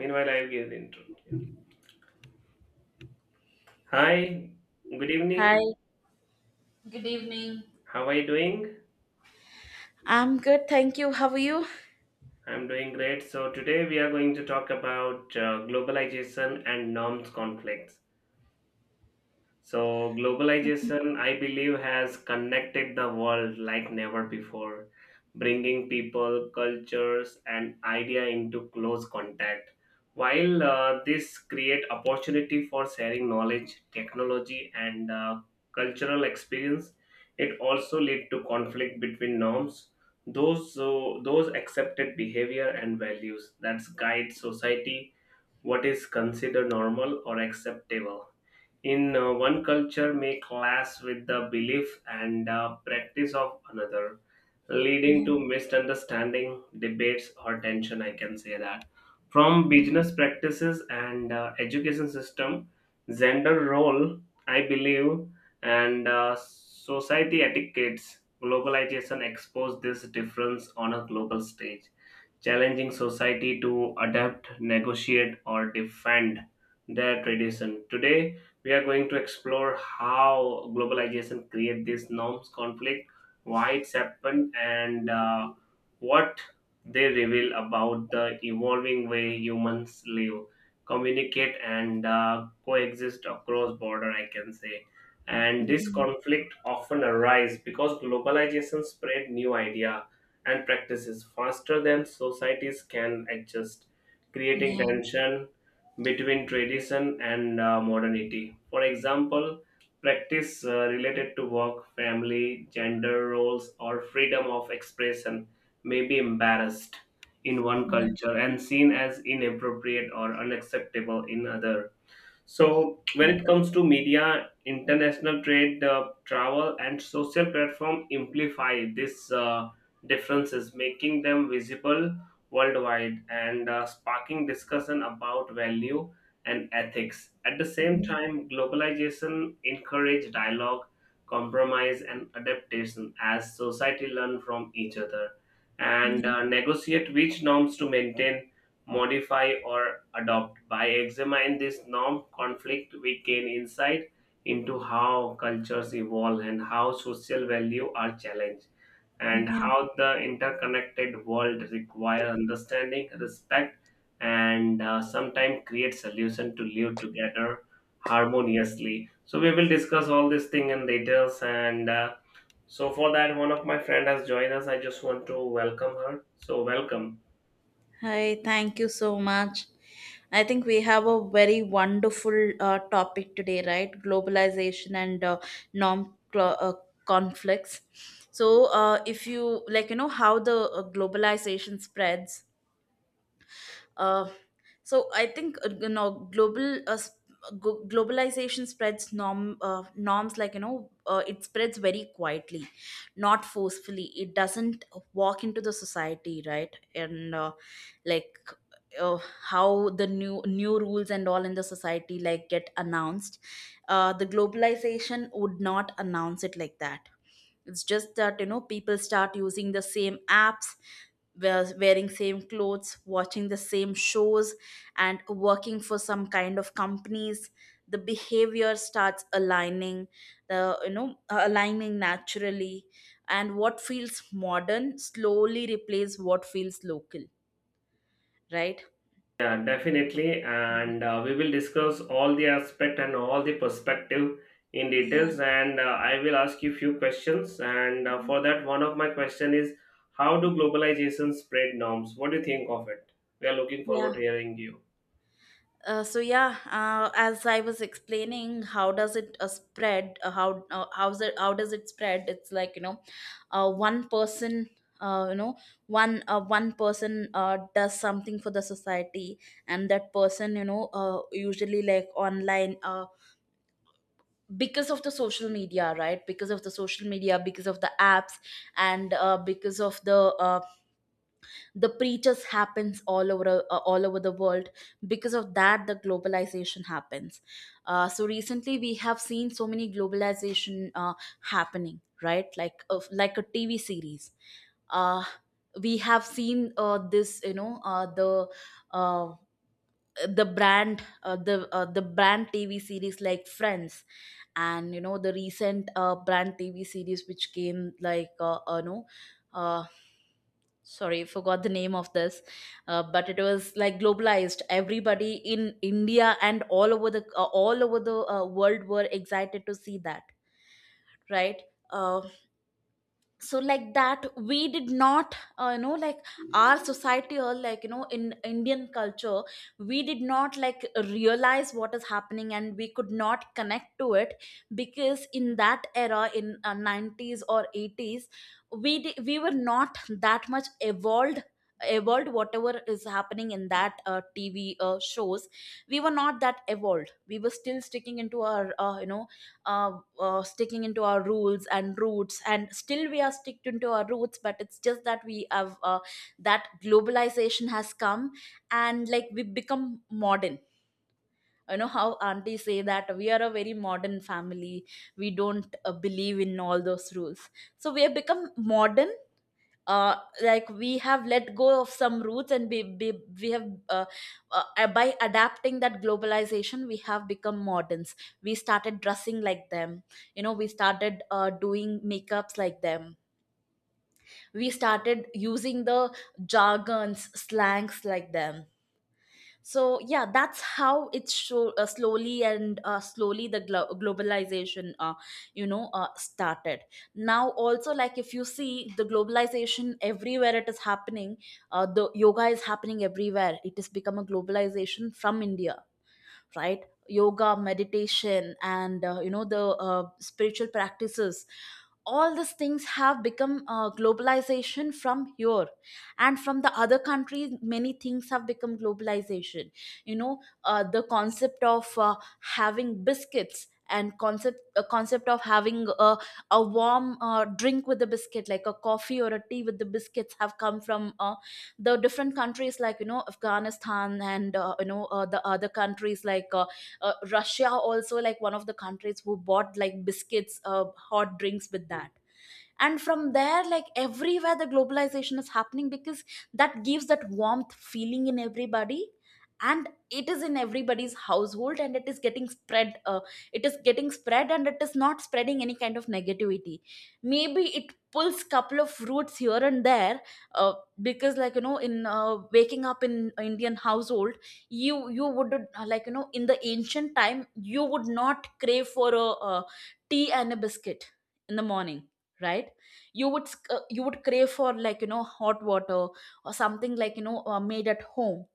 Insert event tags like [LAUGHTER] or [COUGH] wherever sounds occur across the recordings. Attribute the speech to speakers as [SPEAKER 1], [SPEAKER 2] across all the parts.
[SPEAKER 1] Meanwhile, I'll give the intro. Yeah. Hi, good
[SPEAKER 2] Hi,
[SPEAKER 1] evening. How are you doing?
[SPEAKER 2] I'm good, thank you. How are you?
[SPEAKER 1] I'm doing great. So, today we are going to talk about globalization and norms conflicts. So, globalization, I believe, has connected the world like never before, bringing people, cultures, and idea into close contact. While this create opportunity for sharing knowledge, technology, and cultural experience, it also lead to conflict between norms, those accepted behavior and values that guide society. What is considered normal or acceptable in one culture may clash with the belief and practice of another, leading
[SPEAKER 2] Yeah.
[SPEAKER 1] to misunderstanding, debates, or tension, I can say that. From
[SPEAKER 2] Mm.
[SPEAKER 1] business practices and education system, gender role, I believe, and society etiquettes, globalization expose this difference on a global stage, challenging society to adapt, negotiate, or defend their tradition. Today, we are going to explore how globalization creates these norms conflict, why it's happened, and what they reveal about the evolving way humans live, communicate, and coexist across border. I can say. And this
[SPEAKER 2] Mhm.
[SPEAKER 1] conflict often arise because globalization spread new idea and practices faster than societies can adjust, creating
[SPEAKER 2] Yeah.
[SPEAKER 1] tension between tradition and modernity. For example, practice related to work, family, gender roles, or freedom of expression may be embarrassed in one
[SPEAKER 2] Yeah.
[SPEAKER 1] culture and seen as inappropriate or unacceptable in other. So when
[SPEAKER 2] Mhm.
[SPEAKER 1] it comes to media, international trade, travel, and social platform amplify these differences, making them visible worldwide and sparking discussion about value and ethics. At the same
[SPEAKER 2] Mhm.
[SPEAKER 1] time, globalization encourage dialogue, compromise, and adaptation as society learn from each other and
[SPEAKER 2] Mm.
[SPEAKER 1] negotiate which norms to maintain, modify, or adopt. By examining this norm conflict, we gain insight into how cultures evolve and how social values are challenged, and
[SPEAKER 2] Yeah.
[SPEAKER 1] how the interconnected world requires understanding, respect, and sometimes create solution to live together harmoniously. So we will discuss all these thing in details and. So for that, one of my friend has joined us. I just want to welcome her. So welcome.
[SPEAKER 2] Hi, thank you so much. I think we have a very wonderful topic today, right? Globalization and norm cl- uh, conflicts. So, if you like, how the globalization spreads. Uh, so I think globalization spreads norms, like, it spreads very quietly, not forcefully. It doesn't walk into the society, right? And like, uh, how the new rules and all in the society like get announced. The globalization would not announce it like that. It's just that, people start using the same apps, wearing same clothes, watching the same shows, and working for some kind of companies. The behavior starts aligning, the you know aligning naturally, and what feels modern slowly replace what feels local, right?
[SPEAKER 1] Yeah, definitely.
[SPEAKER 2] Yeah.
[SPEAKER 1] And we will discuss all the aspect and all the perspective in
[SPEAKER 2] Yeah.
[SPEAKER 1] details. And I will ask you few questions. And
[SPEAKER 2] Mhm.
[SPEAKER 1] for that, one of my question is, how do globalization spread norms? What do you think of it? We are looking forward to
[SPEAKER 2] Yeah.
[SPEAKER 1] hearing you.
[SPEAKER 2] So yeah, as I was explaining, how does it spread? How how's it? How does it spread? It's like, one person. Uh, you know, one person does something for the society, and that person, usually like online, because of the social media, right? Because of the social media, because of the apps, and because of the preachers happens all over the world. Because of that, the globalization happens. So recently we have seen so many globalization happening, right? Like of like a TV series. uh, we have seen, this, uh, the brand, the brand TV series like Friends. And, the recent brand TV series which came, like, uh, sorry, forgot the name of this. But it was like globalized. Everybody in India and all over the, world were excited to see that, right? Uh, so, like that, we did not, like our society or, in Indian culture, we did not like realize what is happening, and we could not connect to it, because in that era, in 90s or 80s, we were not that much evolved. Evolved whatever is happening in that TV shows, we were not that evolved. We were still sticking into our, uh, sticking into our rules and roots, and still we are sticked into our roots. But it's just that we have, that globalization has come, and like, we become modern. You know how aunties say that we are a very modern family, we don't believe in all those rules. So we have become modern. uh, like, we have let go of some roots, and we have, by adapting that globalization, we have become moderns. We started dressing like them. You know, we started doing makeups like them. We started using the jargons, slangs like them. So yeah, that's how it's show, slowly and, slowly the globalization, started. Now also, like, if you see, the globalization everywhere it is happening. The yoga is happening everywhere. It has become a globalization from India, right? Yoga, meditation, and, the spiritual practices, all these things have become, globalization from here. And from the other countries, many things have become globalization. The concept of having biscuits, and concept of having a warm drink with the biscuit, like a coffee or a tea with the biscuits, have come from, the different countries, like, Afghanistan and, the other countries, like, Russia also, like one of the countries who bought like biscuits, hot drinks with that. And from there, like, everywhere the globalization is happening, because that gives that warmth feeling in everybody. And it is in everybody's household, and it is getting spread, it is getting spread, and it is not spreading any kind of negativity. Maybe it pulls couple of roots here and there, uh, because, in, waking up in Indian household, you would, in the ancient time, you would not crave for a tea and a biscuit in the morning, right? You would you would crave for, like you know hot water, or something, made at home,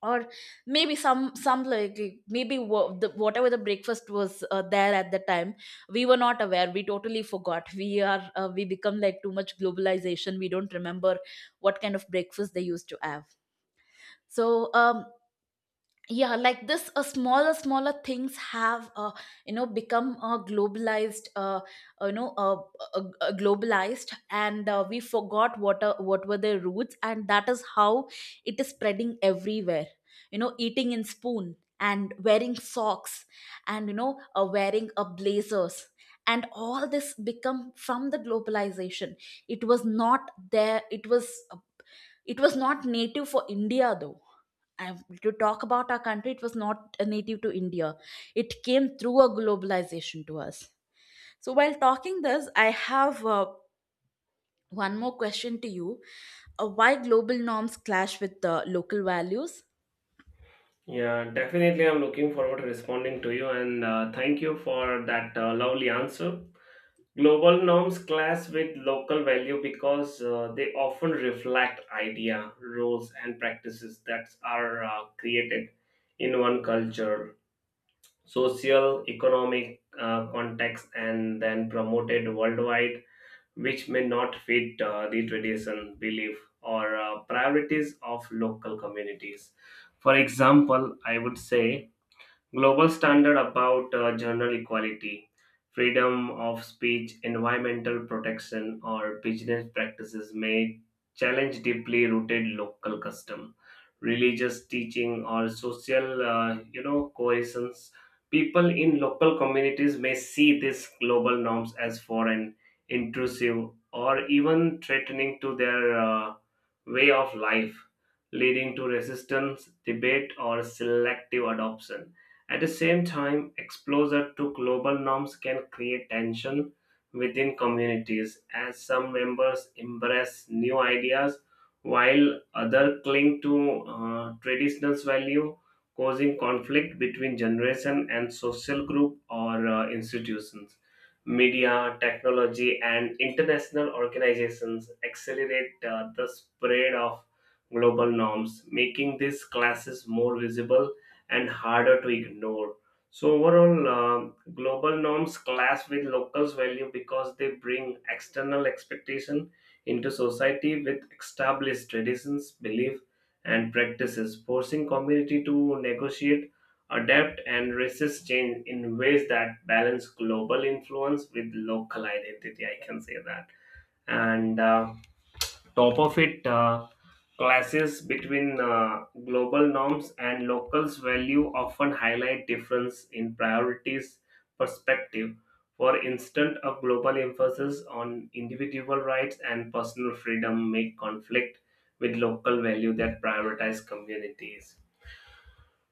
[SPEAKER 2] or maybe some like, maybe whatever the breakfast was, there at the time. We were not aware, we totally forgot. We are, we become like too much globalization. We don't remember what kind of breakfast they used to have. So, yeah, like this, smaller things have, become, globalized uh, you know uh, globalized, and, we forgot what are, what were their roots, and that is how it is spreading everywhere. You know, eating in spoon and wearing socks, and, wearing, blazers, and all this become from the globalization. It was not there. It was, it was not native for India, though. I, to talk about our country, it was not a native to India. It came through a globalization to us. So while talking this, I have, one more question to you. Why global norms clash with the local values?
[SPEAKER 1] Yeah, definitely. I'm looking forward to responding to you. And thank you for that lovely answer. Global norms clash with local value because they often reflect idea, rules, and practices that are created in one culture, social, economic context, and then promoted worldwide, which may not fit the tradition, belief, or priorities of local communities. For example, I would say global standard about general equality, freedom of speech, environmental protection, or business practices may challenge deeply rooted local custom, religious teaching, or social, you know, cohesions. People in local communities may see these global norms as foreign, intrusive, or even threatening to their way of life, leading to resistance, debate, or selective adoption. At the same time, exposure to global norms can create tension within communities as some members embrace new ideas while others cling to traditional value, causing conflict between generation and social group or institutions. Media, technology, and international organizations accelerate the spread of global norms, making these classes more visible and harder to ignore. So, overall, global norms clash with locals' value because they bring external expectation into society with established traditions, belief, and practices, forcing community to negotiate, adapt, and resist change in ways that balance global influence with local identity. I can say that. And top of it, clashes between global norms and locals value often highlight difference in priorities, perspective. For instance, a global emphasis on individual rights and personal freedom make conflict with local value that prioritize communities,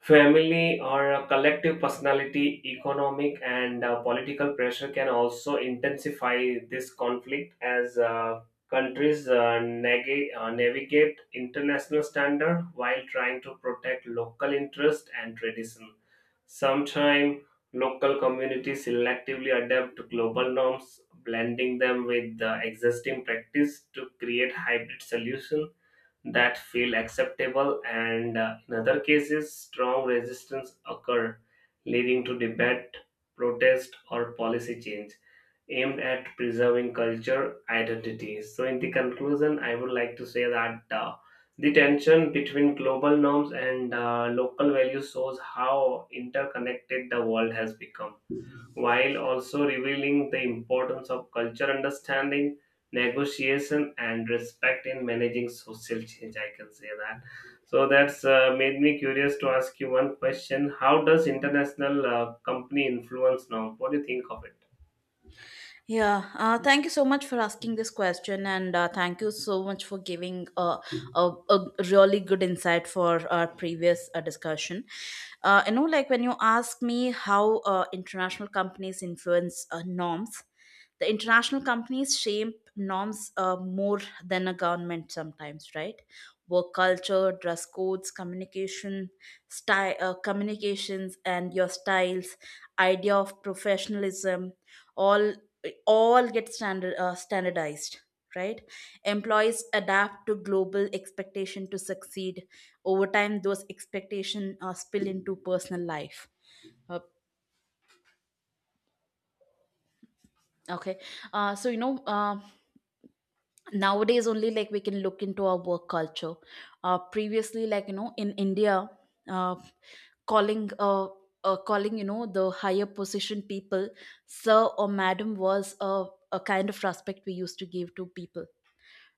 [SPEAKER 1] family, or a collective personality. Economic and political pressure can also intensify this conflict as countries navigate international standard while trying to protect local interest and tradition. Sometimes local communities selectively adapt to global norms, blending them with the existing practice to create hybrid solution that feel acceptable, and in other cases strong resistance occur, leading to debate, protest, or policy change aimed at preserving culture identity. So in the conclusion, I would like to say that the tension between global norms and local values shows how interconnected the world has become, while also revealing the importance of culture understanding, negotiation, and respect in managing social change. I can say that. So that's made me curious to ask you one question: how does international company influence now? What do you think of it?
[SPEAKER 2] Yeah, thank you so much for asking this question, and thank you so much for giving, a really good insight for our previous discussion. You know, like when you ask me how international companies influence norms, the international companies shape norms more than a government sometimes, right? Work culture, dress codes, communication style, communications, and your styles, idea of professionalism, all all get standardized, right? Employees adapt to global expectation to succeed. Over time, those expectation spill into personal life. Uh, okay, so, nowadays only, like, we can look into our work culture. Previously, in India, uh, calling uh, calling, the higher position people sir or madam was a kind of respect we used to give to people,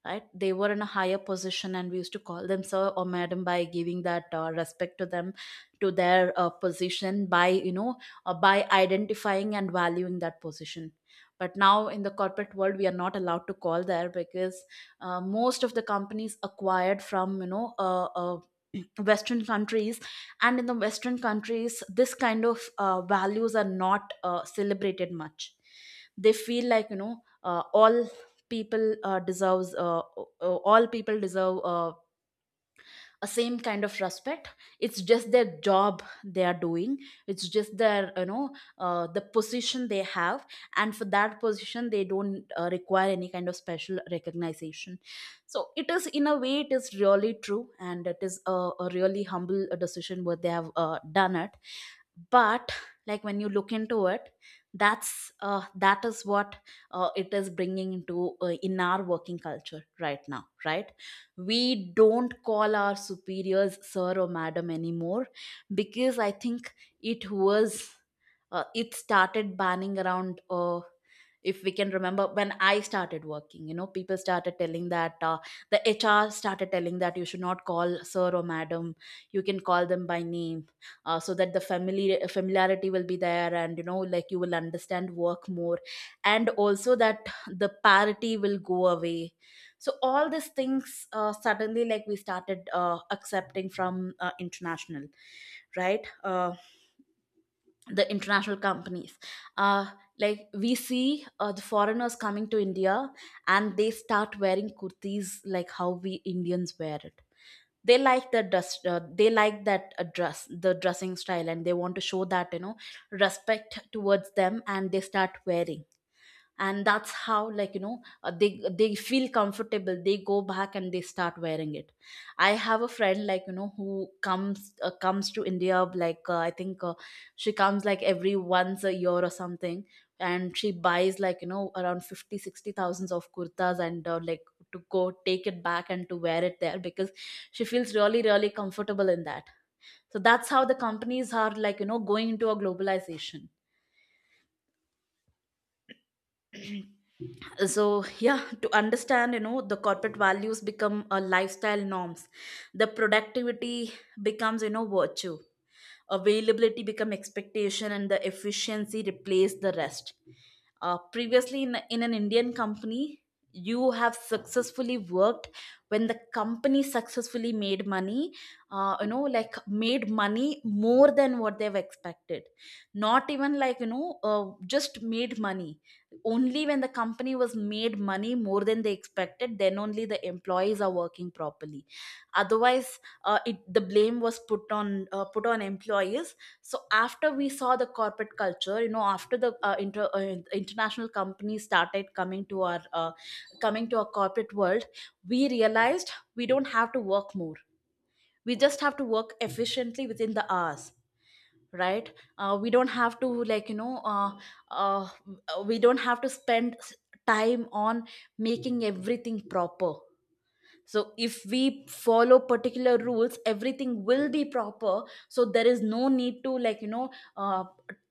[SPEAKER 2] right? They were in a higher position, and we used to call them sir or madam by giving that respect to them, to their position, by, by identifying and valuing that position. But now, in the corporate world, we are not allowed to call there, because, most of the companies acquired from, [CLEARS THROAT] western countries, and in the western countries this kind of values are not celebrated much. They feel like, uh, all people uh, deserves uh, all people deserve a same kind of respect. It's just their job they are doing. It's just their, the position they have, and for that position they don't require any kind of special recognition. So it is, in a way, it is really true, and it is a really humble decision what they have, done it. But, like, when you look into it, that is what, it is bringing into, in our working culture right now, right? We don't call our superiors sir or madam anymore. Because I think it was, it started banning around, if we can remember, when I started working, you know, people started telling that, the HR started telling that you should not call sir or madam, you can call them by name, so that the family familiarity will be there, and, like, you will understand work more, and also that the parity will go away. So all these things, suddenly, like, we started accepting from, international, right? The international companies, uh, like, we see, the foreigners coming to India, and they start wearing kurtis like how we Indians wear it. They like the dress, they like that dress, the dressing style, and they want to show that, respect towards them, and they start wearing. And that's how, they feel comfortable, they go back, and they start wearing it. I have a friend, who comes to India like, I think, she comes like every once a year or something, and she buys, around 50, 60 thousands of kurtas and, like, to go take it back and to wear it there, because she feels really really comfortable in that. So that's how the companies are, going into a globalization. So yeah, to understand, you know, the corporate values become a lifestyle norms. The productivity becomes, you know, virtue. Availability become expectation and the efficiency replace the rest. Previously in an indian company, you have successfully worked when the company successfully made money, you know, like made money more than what they've expected. Not even, like, you know, just made money. Only when the company was made money more than they expected, then only the employees are working properly. Otherwise, the blame was put on, put on employees. So after we saw the corporate culture, you know, after the international companies started coming to our, coming to our corporate world, we realized we don't have to work more. We just have to work efficiently within the hours, right? We don't have to, like, you know, uh, we don't have to spend time on making everything proper. So if we follow particular rules, everything will be proper, so there is no need to, like, you know, uh,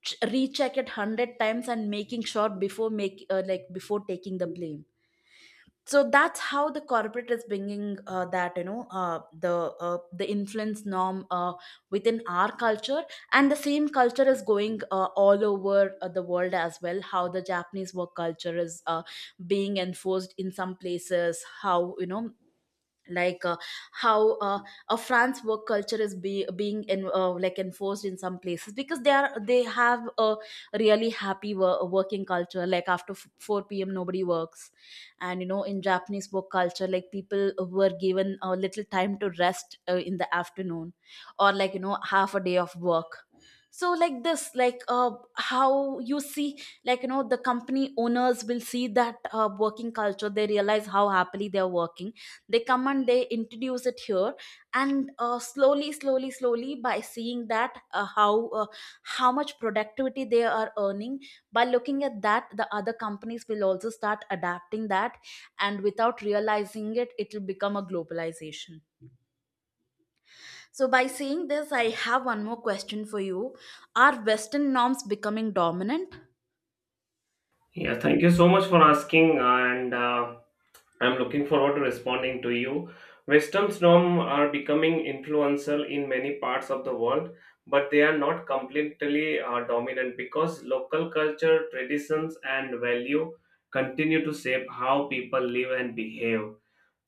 [SPEAKER 2] recheck it 100 times and making sure before make, like, before taking the blame. So that's how the corporate is bringing, that, you know, the, the influence norm, within our culture. And the same culture is going, all over, the world as well. How the japanese work culture is, being enforced in some places, how, you know, like uh, how a France work culture is being like, enforced in some places, because they have a really happy working culture. Like after 4 p.m nobody works. And you know, in Japanese work culture, like, people were given a little time to rest, in the afternoon, or, like, you know, half a day of work. So like this, like, how you see, like, you know, the company owners will see that, working culture, they realize how happily they are working. They come and they introduce it here. And slowly, slowly, slowly, by seeing that, how much productivity they are earning, by looking at that, the other companies will also start adapting that. And without realizing it, it will become a globalization. So by saying this, I have one more question for you. Are western norms becoming dominant?
[SPEAKER 1] Yeah, thank you so much for asking, and. I'm looking forward to responding to you. Western norms are becoming influential in many parts of the world, but they are not completely dominant because local culture, traditions, and value continue to shape how people live and behave.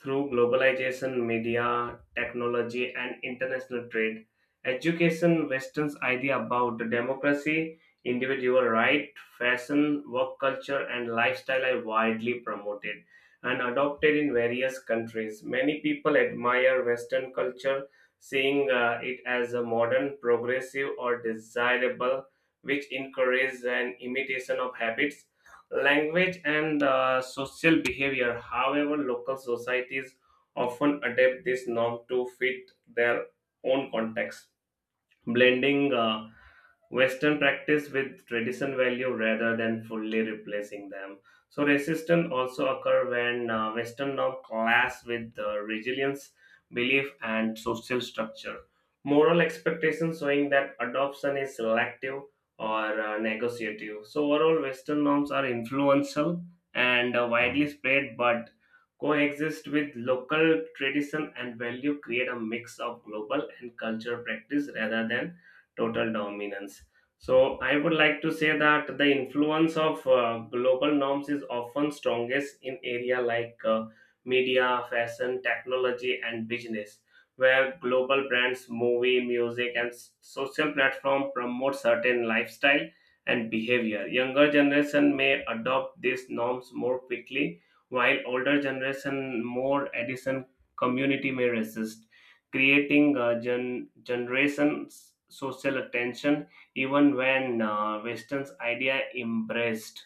[SPEAKER 1] Through globalization, media, technology, and international trade, education, Western's idea about the democracy, individual right, fashion, work culture, and lifestyle are widely promoted and adopted in various countries. Many people admire Western culture, seeing it as a modern, progressive, or desirable, which encourages an imitation of habits, language, and social behavior. However, local societies often adapt this norm to fit their own context, blending Western practice with tradition value rather than fully replacing them. So resistance also occur when Western norm clash with resilience, belief, and social structure. Moral expectations showing that adoption is selective or negotiative. So overall, Western norms are influential and widely spread, but coexist with local tradition and value, create a mix of global and cultural practice rather than total dominance. So I would like to say that the influence of global norms is often strongest in area like media, fashion, technology, and business, where global brands, movie, music, and social platform promote certain lifestyle and behavior. Younger generation may adopt these norms more quickly, while older generation, more addition community, may resist, creating a generations social attention. Even when Western's idea embraced,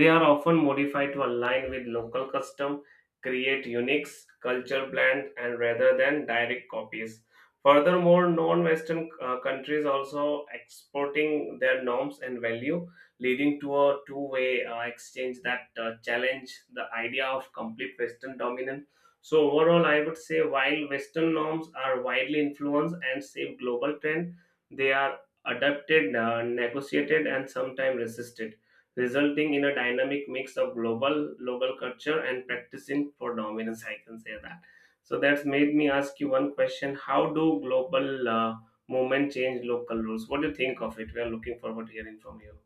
[SPEAKER 1] they are often modified to align with local custom, create unique culture blend, and rather than direct copies. Furthermore, non-Western countries also exporting their norms and value, leading to a two-way exchange that challenge the idea of complete Western dominance. So overall, I would say while Western norms are widely influenced and shape global trend, they are adapted, negotiated, and sometimes resisted, resulting in a dynamic mix of global local culture and practicing for dominance, I can say that. So that's made me ask you one question: how do global movement change local rules? What do you think of it? We are looking forward to hearing from you.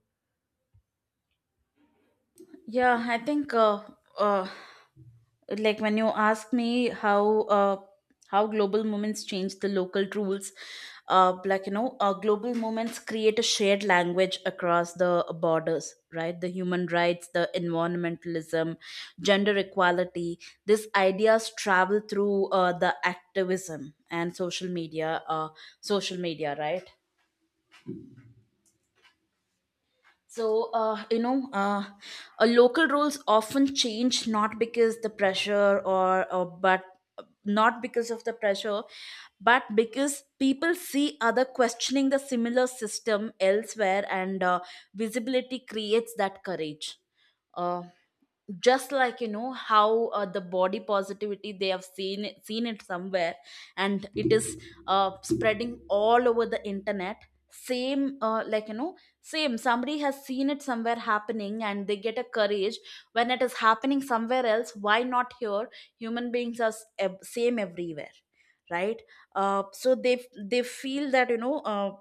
[SPEAKER 2] Yeah, I think, uh, like, when you ask me how, how global movements change the local rules, like, you know, global movements create a shared language across the borders, right? The human rights, the environmentalism, gender equality. These ideas travel through, the activism and social media, social media, right? So local roles often change not because the pressure or but not because of the pressure, but because people see other questioning the similar system elsewhere, and visibility creates that courage. Uh, just, like, you know, how, the body positivity, they have seen it somewhere, and it is, spreading all over the internet. Same, like, you know, same somebody has seen it somewhere happening and they get a courage. When it is happening somewhere else, why not here? Human beings are same everywhere, right? So they feel that, you know,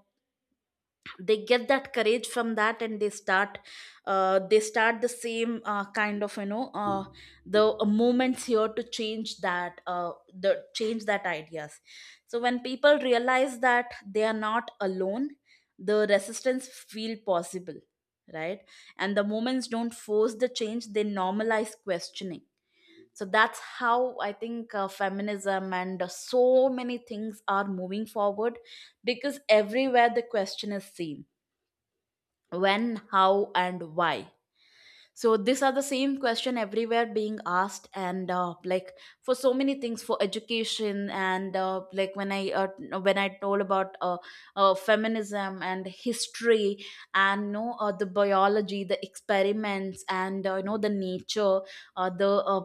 [SPEAKER 2] they get that courage from that, and they start, they start the same, kind of, you know, the movements here to change that, the change that ideas. So when people realize that they are not alone, the resistance feel possible, right? And the movements don't force the change, they normalize questioning. So that's how I think, feminism and, so many things are moving forward, because everywhere the question is same: when, how and why. So these are the same question everywhere being asked, and, like, for so many things, for education, and when I told about, feminism and history, and, you know, the biology, the experiments, and, you know, the nature, the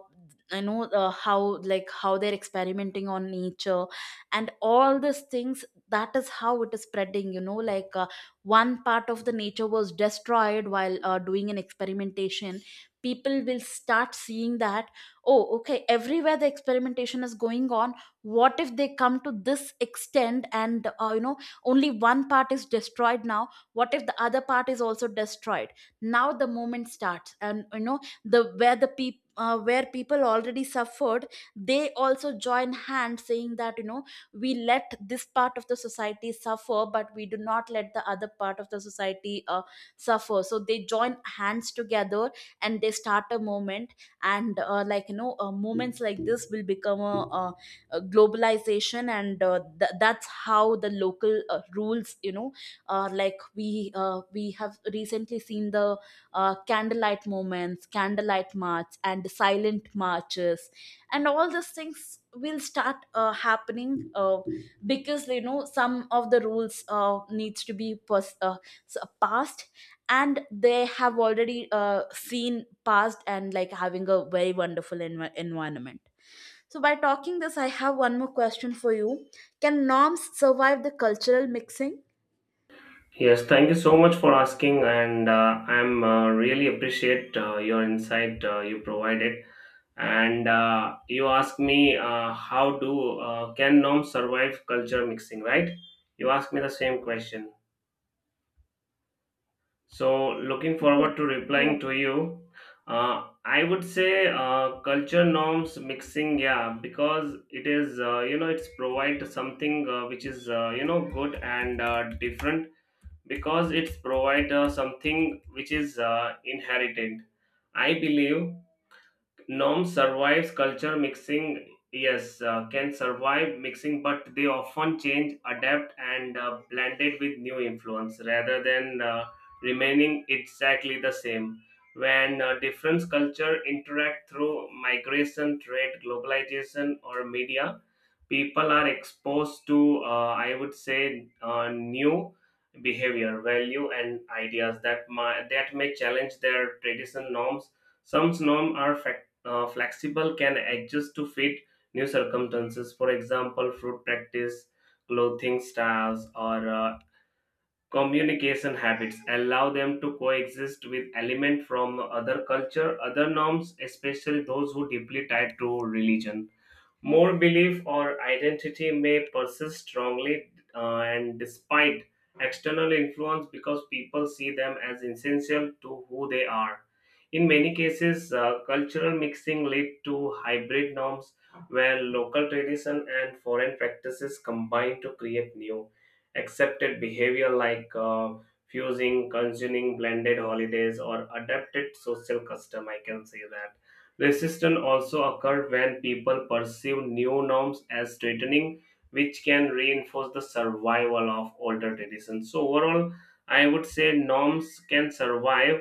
[SPEAKER 2] I know, how they're experimenting on nature, and all these things. That is how it is spreading, you know, like, one part of the nature was destroyed while, doing an experimentation. People will start seeing that, oh, okay, everywhere the experimentation is going on. What if they come to this extent, and, you know, only one part is destroyed now, what if the other part is also destroyed? Now the movement starts, and, you know, the where the people where people already suffered, they also join hands saying that, you know, we let this part of the society suffer, but we do not let the other part of the society, suffer. So they join hands together and they start a movement. And, like, you know, movements like this will become a globalization. And that's how the local, rules, you know, we have recently seen the, candlelight movements, candlelight march and silent marches. And all these things will start, happening, because, you know, some of the rules, needs to be passed, and they have already, seen passed, and like, having a very wonderful environment. So by talking this, I have one more question for you. Can norms survive the cultural mixing?
[SPEAKER 1] Yes, thank you so much for asking, and I'm really appreciate your insight you provided. And you ask me, how do can norms survive culture mixing, right? You ask me the same question. So, looking
[SPEAKER 2] Yes.
[SPEAKER 1] forward to
[SPEAKER 2] Yeah.
[SPEAKER 1] replying to you. I would say culture norms mixing, yeah, because it is, you know, it's provide something which is, you know, good and different because it's provide something which is inherited. I believe norm survives culture mixing, yes, can survive mixing, but they often change, adapt, and blend it with new influence rather than remaining exactly the same. When different culture interact through migration, trade, globalization, or media, people are exposed to, I would say, new behavior, value, and ideas that may challenge their tradition norms. Some norms are flexible, can adjust to fit new circumstances. For example, food practice, clothing styles, or communication habits allow them to coexist with elements from other culture. Other norms, especially those who deeply tied to religion, more belief or identity, may persist strongly, and despite external influence because people see them as essential to who they are. In many cases, cultural mixing lead to hybrid norms where local tradition and foreign practices combine to create new accepted behavior, like fusing, consuming blended holidays or adapted social custom, I can say that. Resistance also occurs when people perceive new norms as threatening, which can reinforce the survival of older traditions. So, overall, I would say norms can survive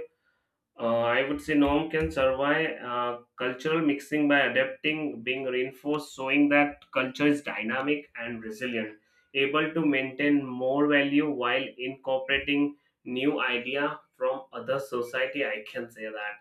[SPEAKER 1] I would say norm can survive cultural mixing by adapting, being reinforced, showing that culture is dynamic and resilient, able to maintain more value while incorporating new idea from other society. I can say that.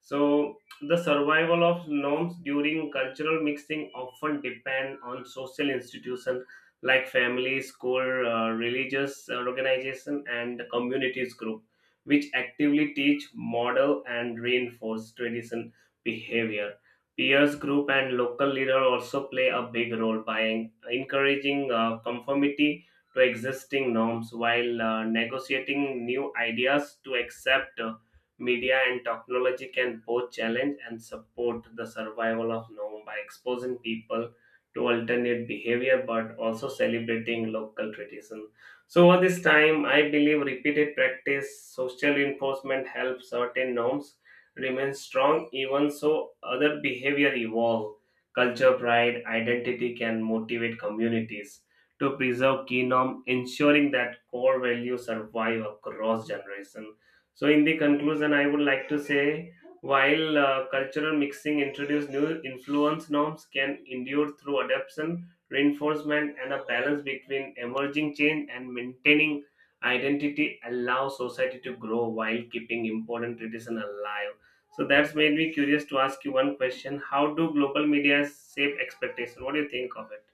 [SPEAKER 1] So the survival of norms during cultural mixing often depend on social institution like family, school, religious organization, and communities group, which actively teach, model, and reinforce tradition behavior. Peers group and local leader also play a big role by encouraging conformity to existing norms while negotiating new ideas to accept. Media and technology can both challenge and support the survival of norm by exposing people to alternate behavior but also celebrating local traditions. So over this time, I believe repeated practice, social enforcement helps certain norms remain strong, even so other behavior evolve. Culture, pride, identity can motivate communities to preserve key norm, ensuring that core values survive across generation. So in the conclusion, I would like to say, while cultural mixing introduce new influence, norms can endure through adaptation, reinforcement, and a balance between emerging change and maintaining identity allow society to grow while keeping important tradition alive. So that's made me curious to ask you one question: how do global media shape expectation? What do you think of it?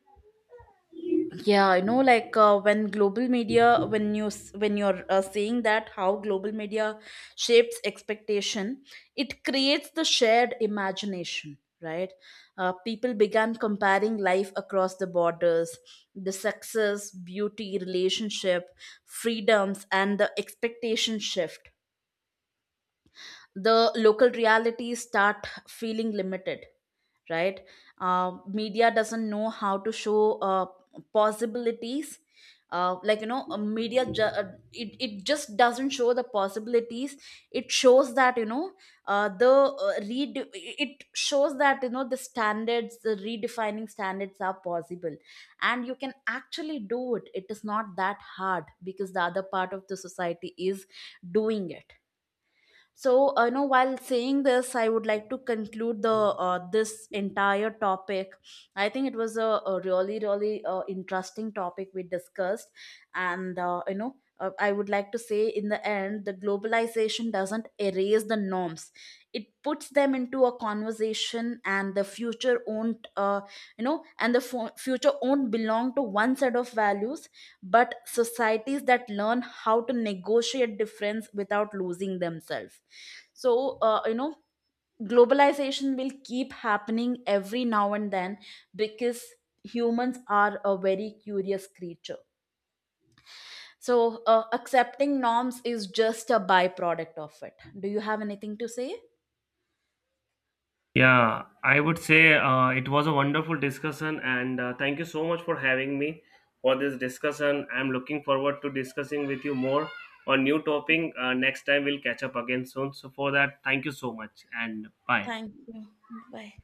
[SPEAKER 2] Yeah, you know, like, when global media, when you when you're, saying that how global media shapes expectation, it creates the shared imagination, right? People began comparing life across the borders: the success, beauty, relationship, freedoms. And the expectation shift, the local realities start feeling limited, right? Media doesn't know how to show, possibilities. Like, you know, it just doesn't show the possibilities. It shows that, you know, the read it shows that, you know, the standards, the redefining standards are possible, and you can actually do it. It is not that hard, because the other part of the society is doing it. So, you know, while saying this, I would like to conclude the this entire topic. I think it was a really, really, interesting topic we discussed, and, you know, I would like to say, in the end, the globalization doesn't erase the norms, it puts them into a conversation. And the future won't, you know, and the future won't belong to one set of values, but societies that learn how to negotiate difference without losing themselves. So, you know, globalization will keep happening every now and then, because humans are a very curious creature. So, accepting norms is just a byproduct of it. Do you have anything to say?
[SPEAKER 1] Yeah, I would say it was a wonderful discussion, and thank you so much for having me for this discussion. I'm looking forward to discussing with you more on new topic. Next time we'll catch up again soon. So for that, thank you so much and bye.
[SPEAKER 2] Thank you. Bye.